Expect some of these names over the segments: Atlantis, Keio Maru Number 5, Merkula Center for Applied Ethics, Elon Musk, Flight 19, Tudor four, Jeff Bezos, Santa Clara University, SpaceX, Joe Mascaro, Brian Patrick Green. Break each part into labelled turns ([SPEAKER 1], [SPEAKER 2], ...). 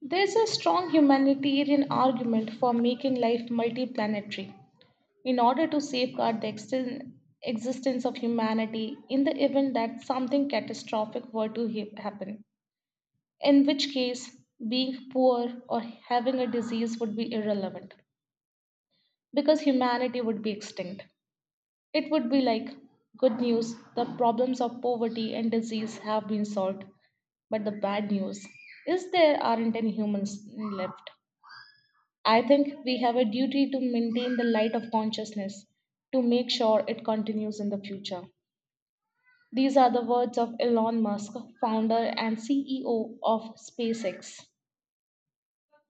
[SPEAKER 1] There's a strong humanitarian argument for making life multiplanetary in order to safeguard the existence of humanity in the event that something catastrophic were to happen, in which case, being poor or having a disease would be irrelevant because humanity would be extinct. It would be like good news, the problems of poverty and disease have been solved, but the bad news is there aren't any humans left. I think we have a duty to maintain the light of consciousness to make sure it continues in the future. These are the words of Elon Musk, founder and CEO of SpaceX.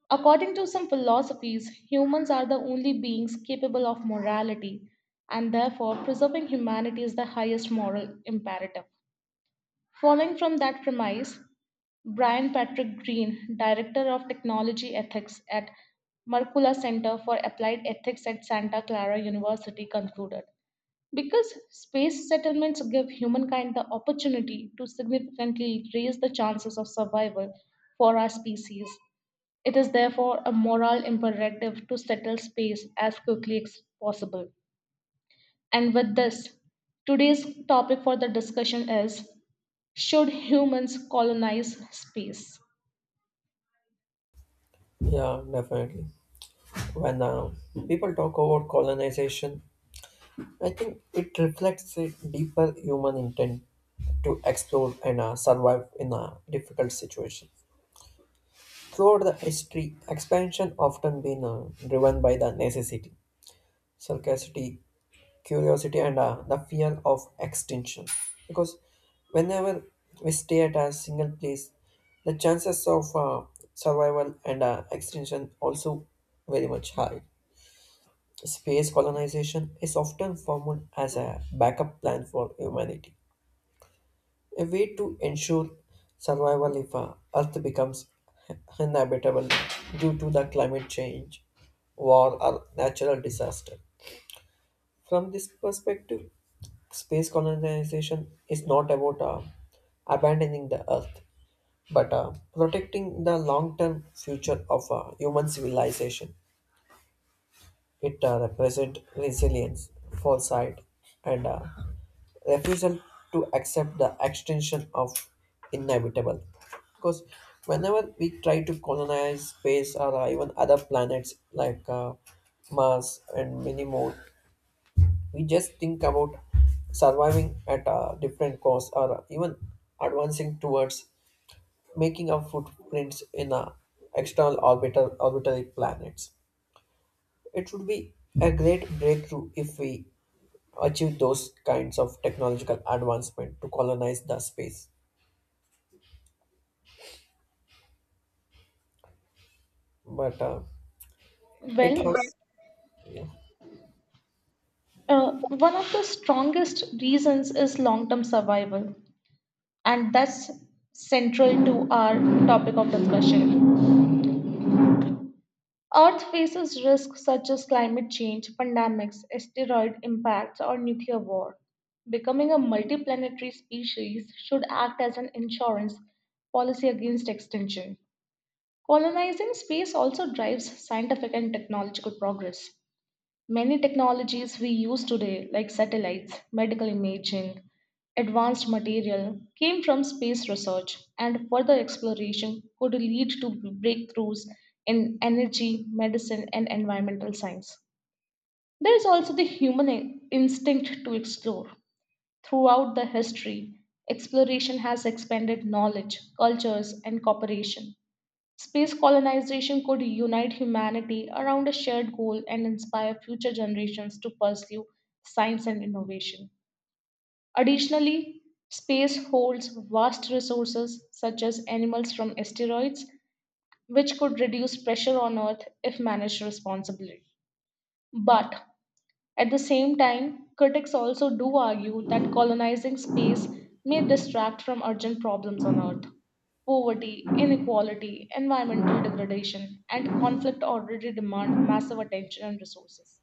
[SPEAKER 1] According to some philosophies, humans are the only beings capable of morality, and therefore preserving humanity is the highest moral imperative. Following from that premise, Brian Patrick Green, Director of Technology Ethics at Merkula Center for Applied Ethics at Santa Clara University, concluded. Because space settlements give humankind the opportunity to significantly raise the chances of survival for our species, it is therefore a moral imperative to settle space as quickly as possible. And with this, today's topic for the discussion is, should humans colonize space?
[SPEAKER 2] Yeah, definitely. When people talk about colonization, I think it reflects a deeper human intent to explore and survive in a difficult situation. Throughout the history, expansion often been driven by the necessity, sarcasticity, curiosity, and the fear of extinction. Because whenever we stay at a single place, the chances of survival and extinction also very much high. Space colonization is often formed as a backup plan for humanity, a way to ensure survival if Earth becomes inhabitable due to the climate change, war, or natural disaster. From this perspective, space colonization is not about abandoning the Earth, but protecting the long-term future of human civilization. It represents resilience, foresight, and a refusal to accept the extension of inevitable. Because whenever we try to colonize space or even other planets like Mars and many more, we just think about surviving at a different cost or even advancing towards making our footprints in a external orbital orbitary planets. It would be a great breakthrough if we achieve those kinds of technological advancement to colonize the space. But it
[SPEAKER 1] Well,
[SPEAKER 2] has, yeah,
[SPEAKER 1] One of the strongest reasons is long term survival, and that's central to our topic of discussion. Earth faces risks such as climate change, pandemics, asteroid impacts, or nuclear war. Becoming a multiplanetary species should act as an insurance policy against extinction. Colonizing space also drives scientific and technological progress. Many technologies we use today, like satellites, medical imaging, advanced material, came from space research, and further exploration could lead to breakthroughs in energy, medicine, and environmental science. There is also the human instinct to explore. Throughout the history, exploration has expanded knowledge, cultures, and cooperation. Space colonization could unite humanity around a shared goal and inspire future generations to pursue science and innovation. Additionally, space holds vast resources such as animals from asteroids, which could reduce pressure on Earth if managed responsibly. But at the same time, critics also do argue that colonizing space may distract from urgent problems on Earth. Poverty, inequality, environmental degradation, and conflict already demand massive attention and resources.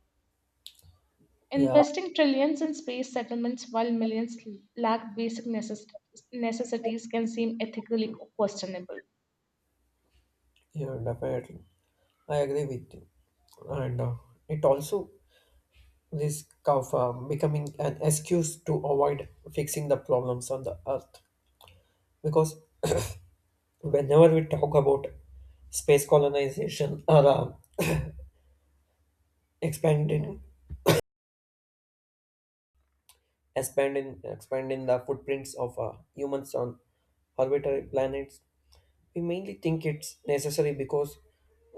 [SPEAKER 2] yeah,
[SPEAKER 1] Investing trillions in space settlements while millions lack basic necessities can seem ethically questionable.
[SPEAKER 2] yeah, definitely. I agree with you. And it also risk of becoming an excuse to avoid fixing the problems on the earth. Because whenever we talk about space colonization or expanding, expanding the footprints of humans on orbitary planets, we mainly think it's necessary because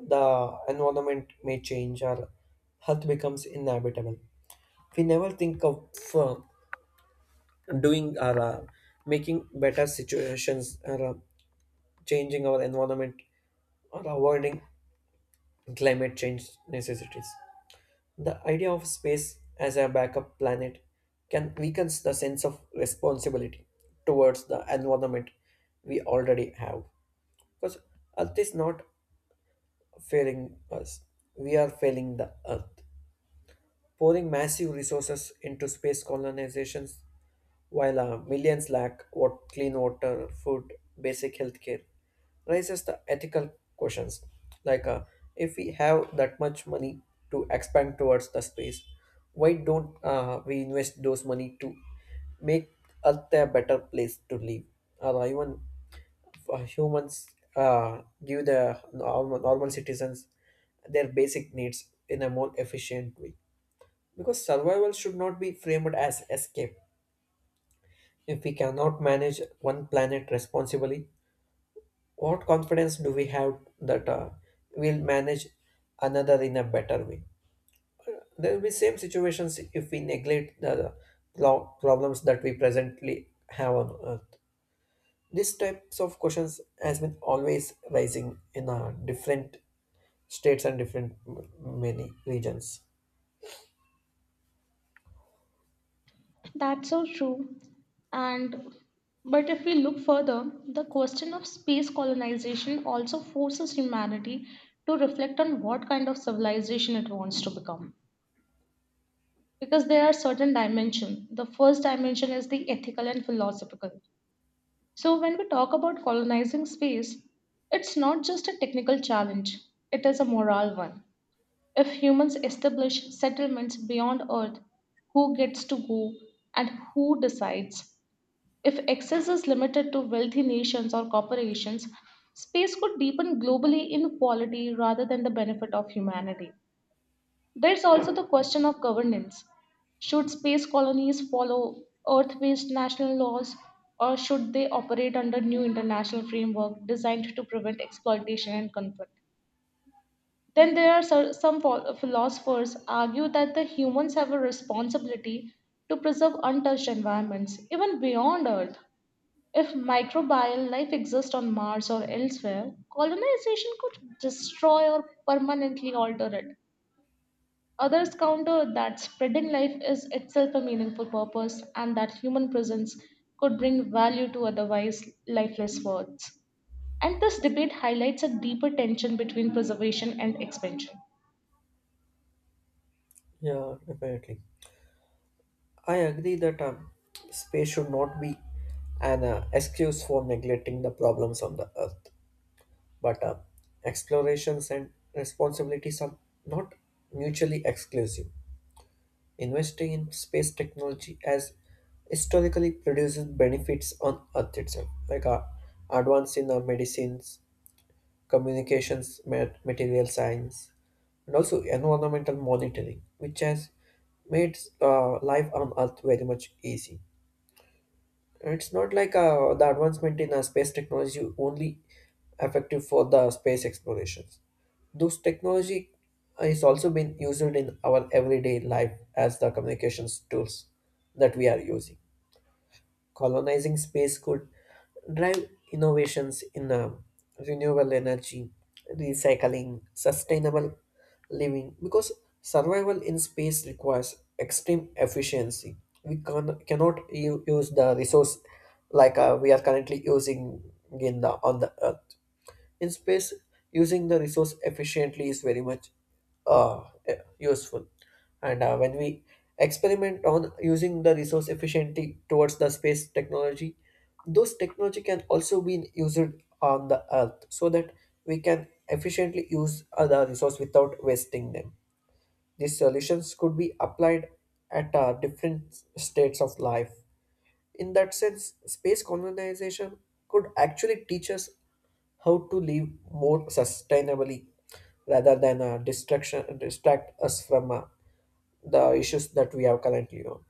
[SPEAKER 2] the environment may change or health becomes inevitable. We never think of uh, doing or making better situations or changing our environment or avoiding climate change necessities. The idea of space as a backup planet can weaken the sense of responsibility towards the environment we already have. Because Earth is not failing us. We are failing the Earth. Pouring massive resources into space colonizations while millions lack what clean water, food, basic healthcare raises the ethical questions like if we have that much money to expand towards the space, why don't we invest those money to make Earth a better place to live or even humans give the normal citizens their basic needs in a more efficient way. Because survival should not be framed as escape. If we cannot manage one planet responsibly, what confidence do we have that we'll manage another in a better way? There will be same situations if we neglect the problems that we presently have on Earth. These types of questions has been always rising in different states and different many regions.
[SPEAKER 1] That's so true. And but if we look further, the question of space colonization also forces humanity to reflect on what kind of civilization it wants to become. Because there are certain dimensions. The first dimension is the ethical and philosophical. So when we talk about colonizing space, it's not just a technical challenge, it is a moral one. If humans establish settlements beyond Earth, who gets to go and who decides? If access is limited to wealthy nations or corporations, space could deepen globally inequality rather than the benefit of humanity. There's also the question of governance. Should space colonies follow Earth based national laws, or should they operate under new international framework designed to prevent exploitation and conflict? Then there are some philosophers argue that the humans have a responsibility to preserve untouched environments, even beyond Earth. If microbial life exists on Mars or elsewhere, colonization could destroy or permanently alter it. Others counter that spreading life is itself a meaningful purpose and that human presence could bring value to otherwise lifeless worlds. And this debate highlights a deeper tension between preservation and expansion.
[SPEAKER 2] Yeah, definitely. I agree that space should not be an excuse for neglecting the problems on the earth, but explorations and responsibilities are not mutually exclusive. Investing in space technology has historically produced benefits on earth itself, like advance in medicines, communications, material science, and also environmental monitoring, which has made life on Earth very much easy. And it's not like the advancement in space technology only effective for the space explorations. Those technology is also been used in our everyday life as the communications tools that we are using colonizing space could drive innovations in renewable energy, recycling, sustainable living, because survival in space requires extreme efficiency. We cannot use the resource like we are currently using in the, on the Earth in space using the resource efficiently is very much useful and when we experiment on using the resource efficiently towards the space technology those technology can also be used on the earth so that we can efficiently use other resource without wasting them these solutions could be applied at different states of life in that sense space colonization could actually teach us how to live more sustainably rather than distract us from the issues that we have currently on.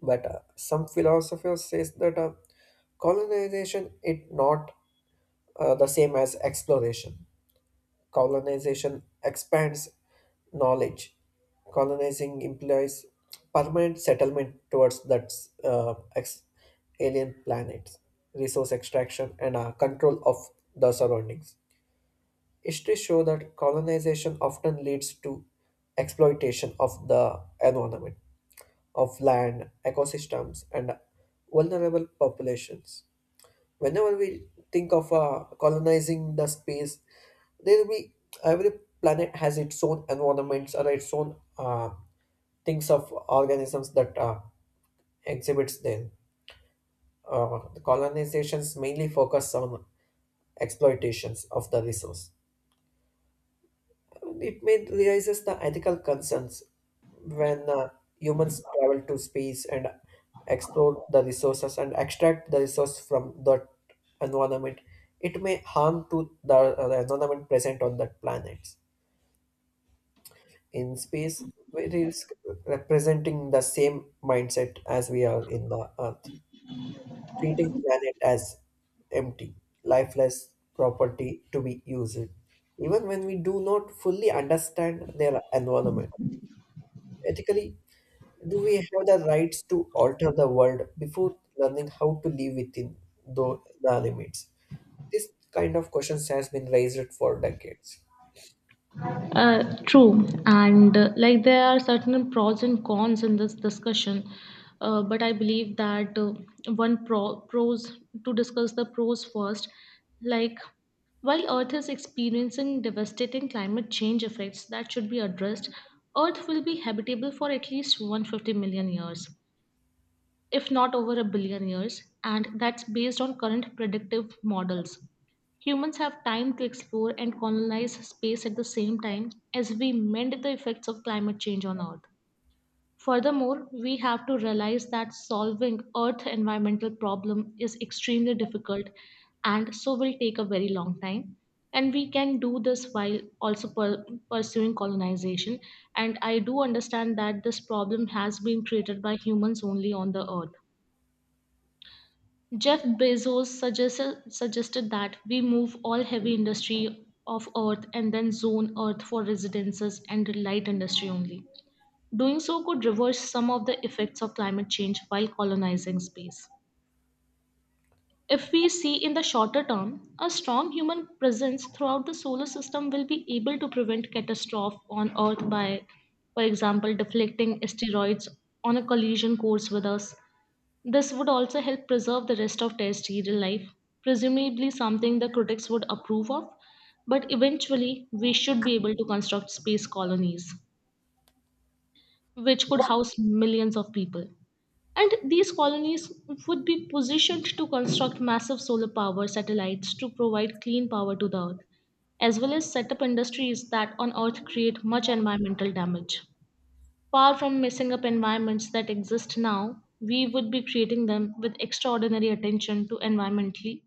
[SPEAKER 2] But some philosophers says that colonization is not the same as exploration. Colonization expands knowledge. Colonizing implies permanent settlement towards that uh, ex- alien planets, resource extraction, and control of the surroundings. History show that colonization often leads to exploitation of the environment, of land, ecosystems, and vulnerable populations. Whenever we think of colonizing the space, there will be every planet has its own environments or its own things of organisms that exhibits them. The colonizations mainly focus on exploitations of the resource. It may raises the ethical concerns when humans travel to space and explore the resources and extract the resource from that environment. It may harm to the environment present on that planet. In space, it is representing the same mindset as we are in the Earth, treating planet as empty, lifeless property to be used, even when we do not fully understand their environment. Ethically, do we have the rights to alter the world before learning how to live within the limits? This kind of questions has been raised for decades.
[SPEAKER 1] True, and like there are certain pros and cons in this discussion, but I believe that one pro pros to discuss the pros first, like while Earth is experiencing devastating climate change effects that should be addressed, Earth will be habitable for at least 150 million years if not over a billion years, and that's based on current predictive models. Humans have time to explore and colonize space at the same time as we mend the effects of climate change on Earth. Furthermore, we have to realize that solving Earth environmental problem is extremely difficult and so will take a very long time. And we can do this while also pursuing colonization. And I do understand that this problem has been created by humans only on the Earth. Jeff Bezos suggested that we move all heavy industry off Earth and then zone Earth for residences and light industry only. Doing so could reverse some of the effects of climate change while colonizing space. If we see in the shorter term, a strong human presence throughout the solar system will be able to prevent catastrophe on Earth by, for example, deflecting asteroids on a collision course with us. This would also help preserve the rest of terrestrial life, presumably something the critics would approve of, but eventually we should be able to construct space colonies which could house millions of people. And these colonies would be positioned to construct massive solar power satellites to provide clean power to the Earth, as well as set up industries that on Earth create much environmental damage. Far from messing up environments that exist now, we would be creating them with extraordinary attention to environmentally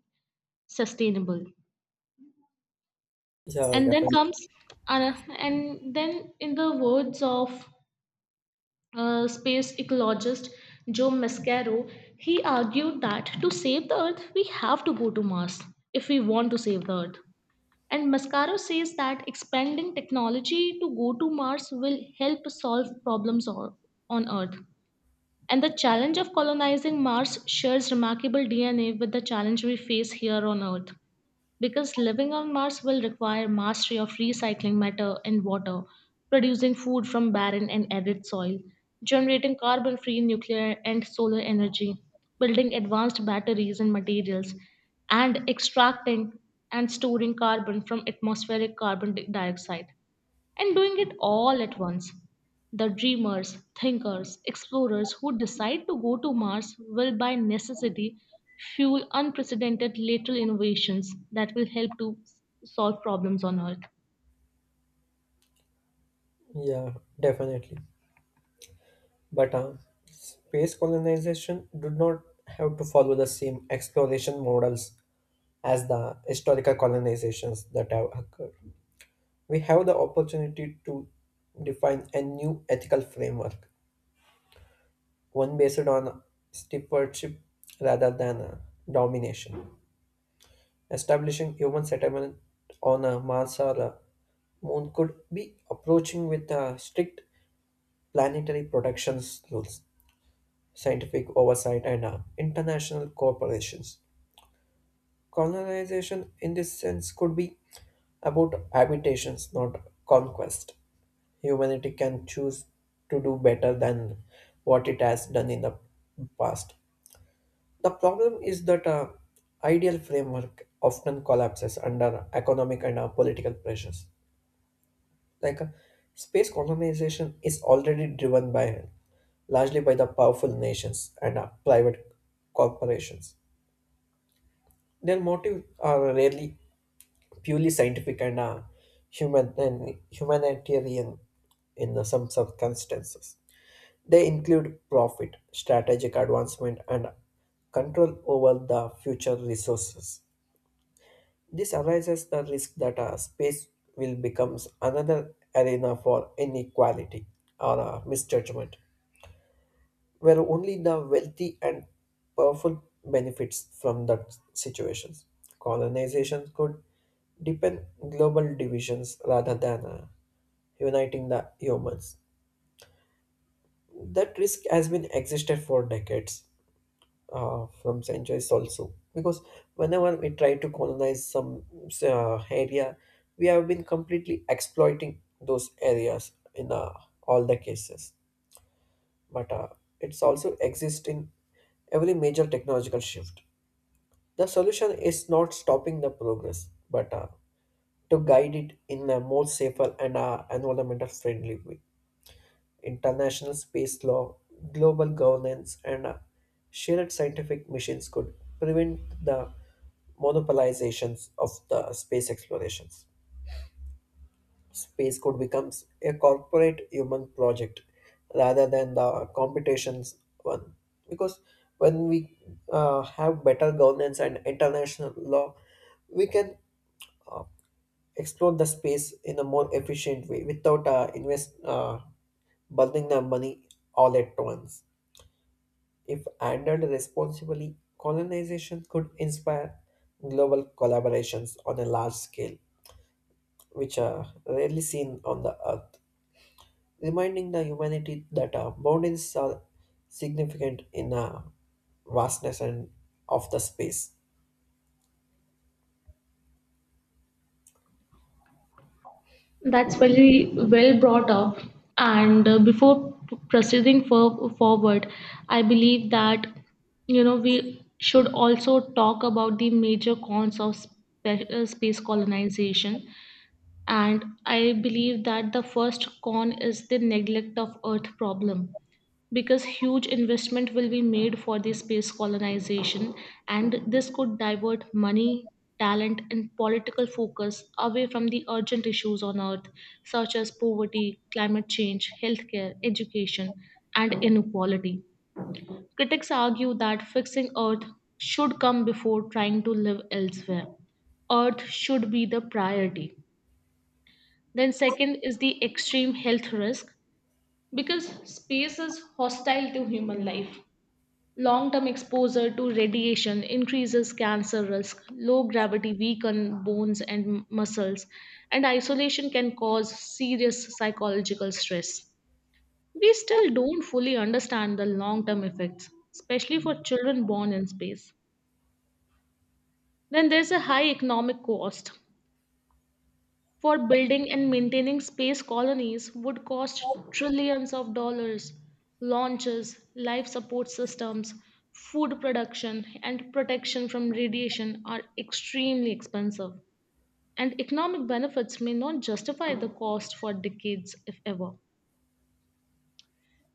[SPEAKER 1] sustainable.
[SPEAKER 2] Yeah,
[SPEAKER 1] And then
[SPEAKER 2] definitely.
[SPEAKER 1] comes, uh, and then in the words of space ecologist Joe Mascaro, he argued that to save the Earth, we have to go to Mars if we want to save the Earth. And Mascaro says that expanding technology to go to Mars will help solve problems on Earth. And the challenge of colonizing Mars shares remarkable DNA with the challenge we face here on Earth. Because living on Mars will require mastery of recycling matter and water, producing food from barren and arid soil, generating carbon free nuclear and solar energy, building advanced batteries and materials, and extracting and storing carbon from atmospheric carbon dioxide and doing it all at once. The dreamers, thinkers, explorers who decide to go to Mars will by necessity fuel unprecedented lateral innovations that will help to solve problems on Earth.
[SPEAKER 2] Yeah, definitely. But space colonization did not have to follow the same exploration models as the historical colonizations that have occurred. We have the opportunity to define a new ethical framework one based on stewardship rather than domination. Establishing human settlement on a Mars or a moon could be approaching with strict planetary protection rules, scientific oversight, and international corporations. Colonization, in this sense, could be about habitations, not conquest. Humanity can choose to do better than what it has done in the past. The problem is that ideal framework often collapses under economic and political pressures. Like space colonization is already driven by largely by the powerful nations and private corporations. Their motives are rarely purely scientific and human and humanitarian in the some circumstances. They include profit, strategic advancement, and control over the future resources. This arises the risk that space will become another arena for inequality or misjudgment, where only the wealthy and powerful benefits from that situations. Colonization could deepen global divisions rather than uniting the humans. That risk has been existed for decades, from centuries also because whenever we try to colonize some area we have been completely exploiting those areas in all the cases but it's also exist in every major technological shift the solution is not stopping the progress but to guide it in a more safer and environmental friendly way international space law, global governance, and shared scientific missions could prevent the monopolizations of the space explorations. Space could become a corporate human project rather than the competitions one. Because when we have better governance and international law, we can explore the space in a more efficient way without invest burning the money all at once. If handled responsibly, colonization could inspire global collaborations on a large scale, which are rarely seen on the earth, reminding the humanity that our boundaries are significant in our vastness and of the space.
[SPEAKER 1] That's very well brought up. And before proceeding forward, I believe that you know we should also talk about the major cons of space colonization, and I believe that the first con is the neglect of earth problem, because huge investment will be made for the space colonization, and this could divert money, talent and political focus away from the urgent issues on earth, such as poverty, climate change, healthcare, education and inequality. Critics argue that fixing earth should come before trying to live elsewhere. Earth should be the priority. Then, second is the extreme health risk, because space is hostile to human life. Long term exposure to radiation increases cancer risk, low gravity weaken bones and muscles, and isolation can cause serious psychological stress. We still don't fully understand the long term effects, especially for children born in space. Then there's a high economic cost, for building and maintaining space colonies would cost trillions of dollars. Launches, life support systems, food production, and protection from radiation are extremely expensive, and economic benefits may not justify the cost for decades, if ever.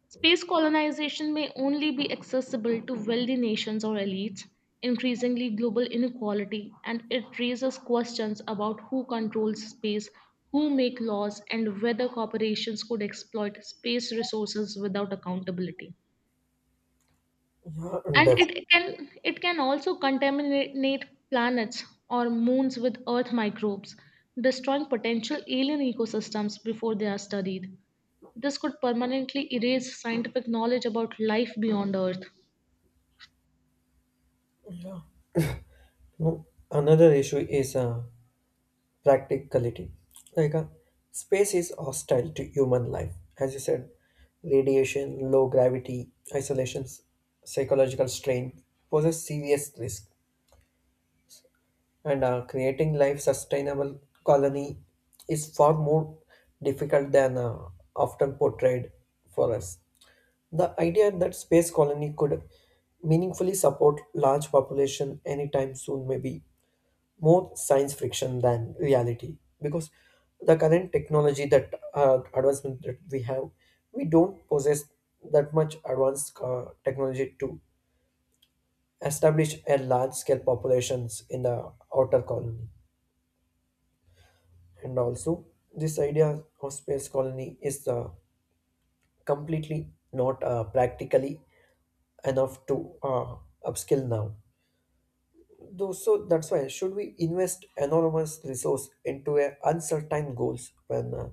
[SPEAKER 1] Space colonization may only be accessible to wealthy nations or elites, increasingly global inequality, and it raises questions about who controls space, who make laws, and whether corporations could exploit space resources without accountability.
[SPEAKER 2] Yeah, and
[SPEAKER 1] And
[SPEAKER 2] def-
[SPEAKER 1] it can also contaminate planets or moons with earth microbes, destroying potential alien ecosystems before they are studied. This could permanently erase scientific knowledge about life beyond Earth.
[SPEAKER 2] no, another issue is practicality. Like a space is hostile to human life, as you said, radiation, low gravity, isolation, psychological strain poses serious risk, and creating life sustainable colony is far more difficult than often portrayed for us. The idea that space colony could meaningfully support large population anytime soon may be more science fiction than reality because the current technology that advancement that we have we don't possess that much advanced technology to establish a large scale populations in the outer colony and also this idea of space colony is completely not practically enough to upskill now. Though, so that's why should we invest enormous resource into a uncertain goals when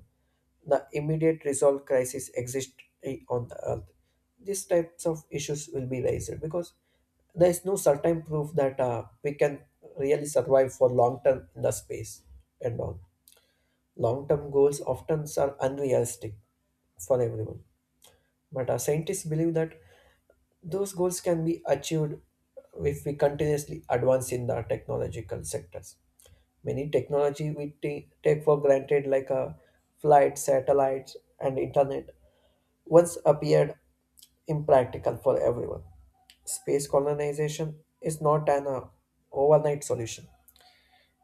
[SPEAKER 2] the immediate resolve crisis exists on the earth? These types of issues will be raised because there is no certain proof that we can really survive for long term in the space and all. Long term goals often are unrealistic for everyone, but our scientists believe that those goals can be achieved if we continuously advance in the technological sectors. Many technology we take for granted, like flight, satellites, and internet, once appeared impractical for everyone. Space colonization is not an overnight solution.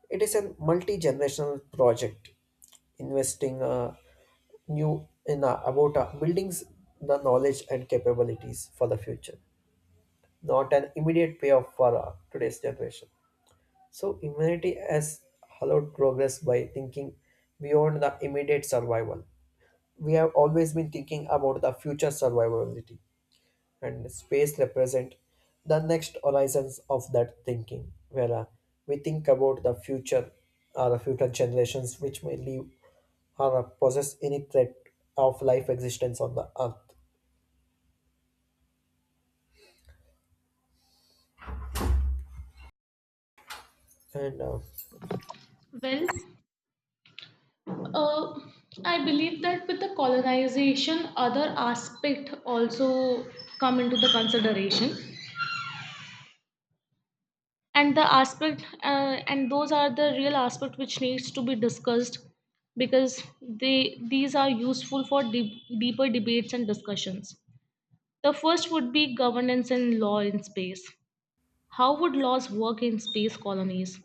[SPEAKER 2] It is a multi-generational project, investing new in about buildings the knowledge and capabilities for the future not an immediate payoff for today's generation. So humanity has allowed progress by thinking beyond the immediate survival. We have always been thinking about the future survivability, and space represent the next horizons of that thinking, where we think about the future or the future generations which may live or possess any threat of life existence on the earth. And uh,
[SPEAKER 1] Well, uh, I believe that with the colonization, other aspect also come into the consideration, and the aspect and those are the real aspect which needs to be discussed because they these are useful for deeper debates and discussions. The first would be governance and law in space. How would laws work in space colonies?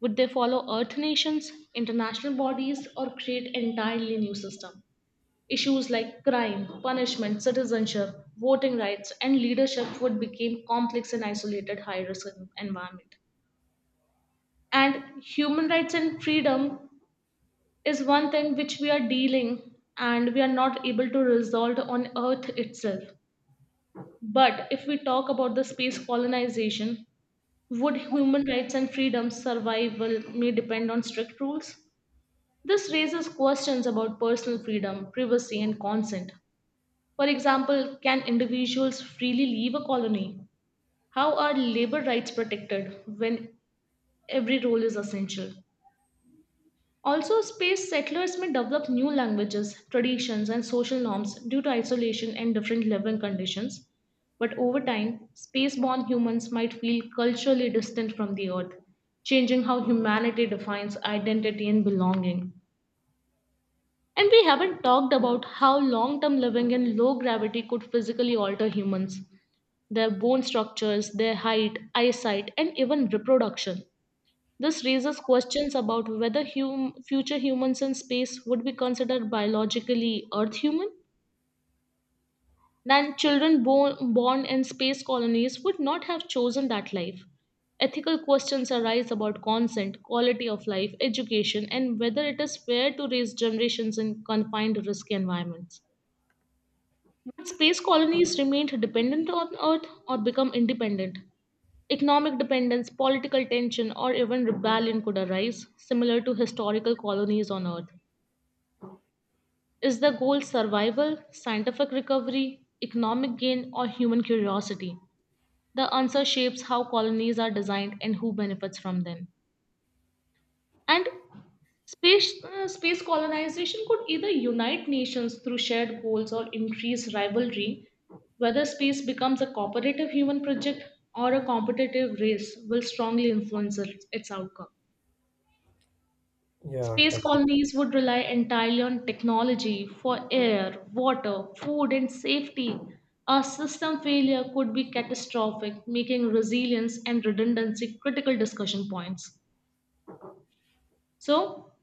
[SPEAKER 1] Would they follow Earth nations, international bodies, or create entirely new system? Issues like crime, punishment, citizenship, voting rights, and leadership would become complex in isolated high-risk environment. And human rights and freedom is one thing which we are dealing and we are not able to resolve on Earth itself. But if we talk about the space colonization, would human rights and freedoms survival may depend on strict rules? This raises questions about personal freedom, privacy, and consent. For example, can individuals freely leave a colony? How are labor rights protected when every role is essential? Also, space settlers may develop new languages, traditions, and social norms due to isolation and different living conditions. But over time, space born humans might feel culturally distant from the Earth, changing how humanity defines identity and belonging. And we haven't talked about how long term living in low gravity could physically alter humans, their bone structures, their height, eyesight, and even reproduction. This raises questions about whether future humans in space would be considered biologically Earth human. Then, children born in space colonies would not have chosen that life. Ethical questions arise about consent, quality of life, education, and whether it is fair to raise generations in confined, risky environments. Would space colonies remain dependent on Earth or become independent? Economic dependence, political tension, or even rebellion could arise, similar to historical colonies on Earth. Is the goal survival, scientific recovery, economic gain, or human curiosity? The answer shapes how colonies are designed and who benefits from them. And space colonization could either unite nations through shared goals or increase rivalry. Whether space becomes a cooperative human project or a competitive race will strongly influence its outcome.
[SPEAKER 2] yeah,
[SPEAKER 1] Space
[SPEAKER 2] def-
[SPEAKER 1] colonies would rely entirely on technology for air, water, food, and safety. A system failure could be catastrophic, making resilience and redundancy critical discussion points. So,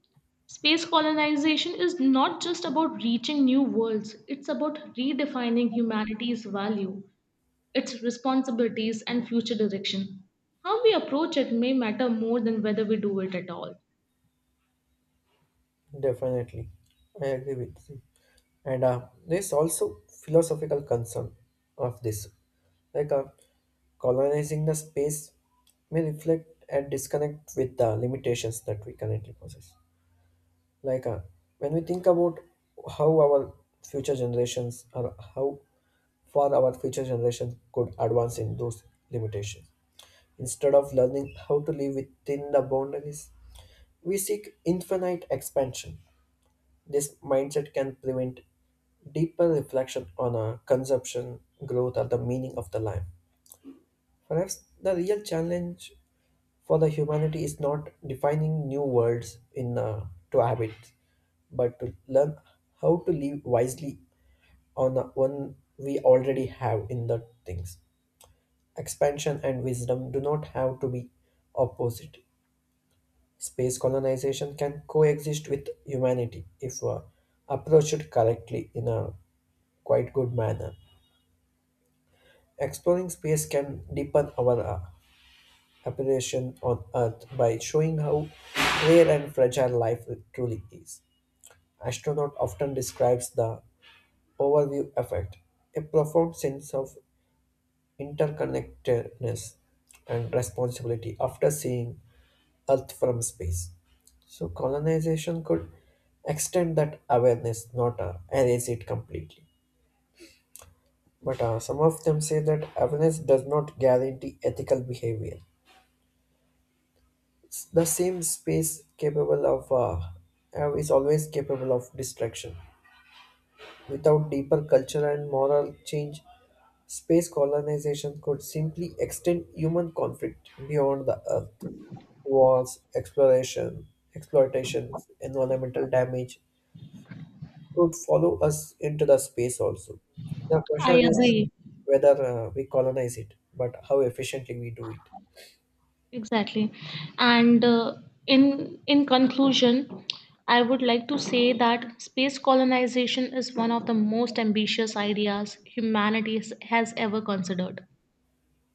[SPEAKER 1] space colonization is not just about reaching new worlds, it's about redefining humanity's value, its responsibilities, and future direction. How we approach it may matter more than whether we do it at all.
[SPEAKER 2] definitely, I agree with you. And there's also philosophical concern of this like colonizing the space may reflect and disconnect with the limitations that we currently possess like when we think about how our future generations or how far our future generations could advance in those limitations instead of learning how to live within the boundaries we seek infinite expansion this mindset can prevent deeper reflection on a consumption, growth, or the meaning of the life. Perhaps the real challenge for the humanity is not defining new words in to habits, but to learn how to live wisely on the one we already have in the things. Expansion and wisdom do not have to be opposite. Space colonization can coexist with humanity if approached correctly in a quite good manner. Exploring space can deepen our appreciation on Earth by showing how rare and fragile life truly is. Astronaut often describes the overview effect, a profound sense of interconnectedness and responsibility after seeing Earth from space. So colonization could extend that awareness, not erase it completely. But some of them say that awareness does not guarantee ethical behavior. The same space capable of is always capable of destruction. Without deeper cultural and moral change, space colonization could simply extend human conflict beyond the Earth wars, exploration, exploitation, environmental damage, could follow us into the space also. The
[SPEAKER 1] I
[SPEAKER 2] question is
[SPEAKER 1] agree.
[SPEAKER 2] whether we colonize it, but how efficiently we do it.
[SPEAKER 1] Exactly. And in conclusion, I would like to say that space colonization is one of the most ambitious ideas humanity has ever considered.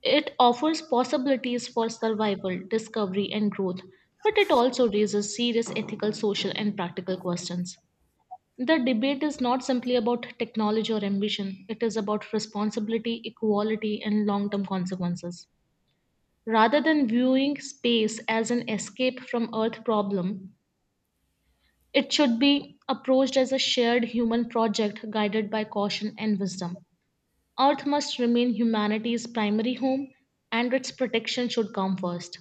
[SPEAKER 1] It offers possibilities for survival, discovery, and growth, but it also raises serious ethical, social, and practical questions. The debate is not simply about technology or ambition, it is about responsibility, equality, and long term consequences. Rather than viewing space as an escape from Earth problem, it should be approached as a shared human project guided by caution and wisdom. Earth must remain humanity's primary home and its protection should come first.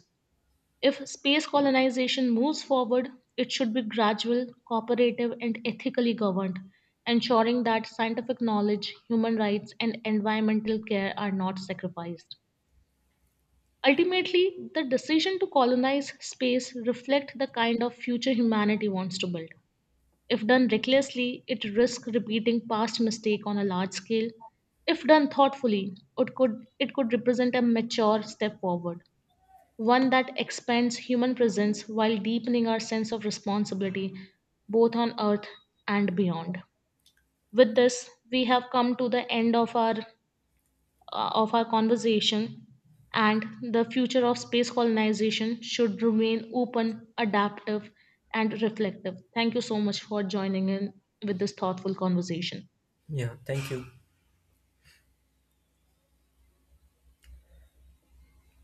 [SPEAKER 1] If space colonization moves forward, it should be gradual, cooperative, and ethically governed, ensuring that scientific knowledge, human rights, and environmental care are not sacrificed. Ultimately, the decision to colonize space reflects the kind of future humanity wants to build. If done recklessly, it risks repeating past mistake on a large scale. If done thoughtfully, it could represent a mature step forward, one that expands human presence while deepening our sense of responsibility both on earth and beyond. With this, we have come to the end of our conversation, and the future of space colonization should remain open, adaptive, and reflective. Thank you so much for joining in with this thoughtful conversation.
[SPEAKER 2] Yeah, thank you.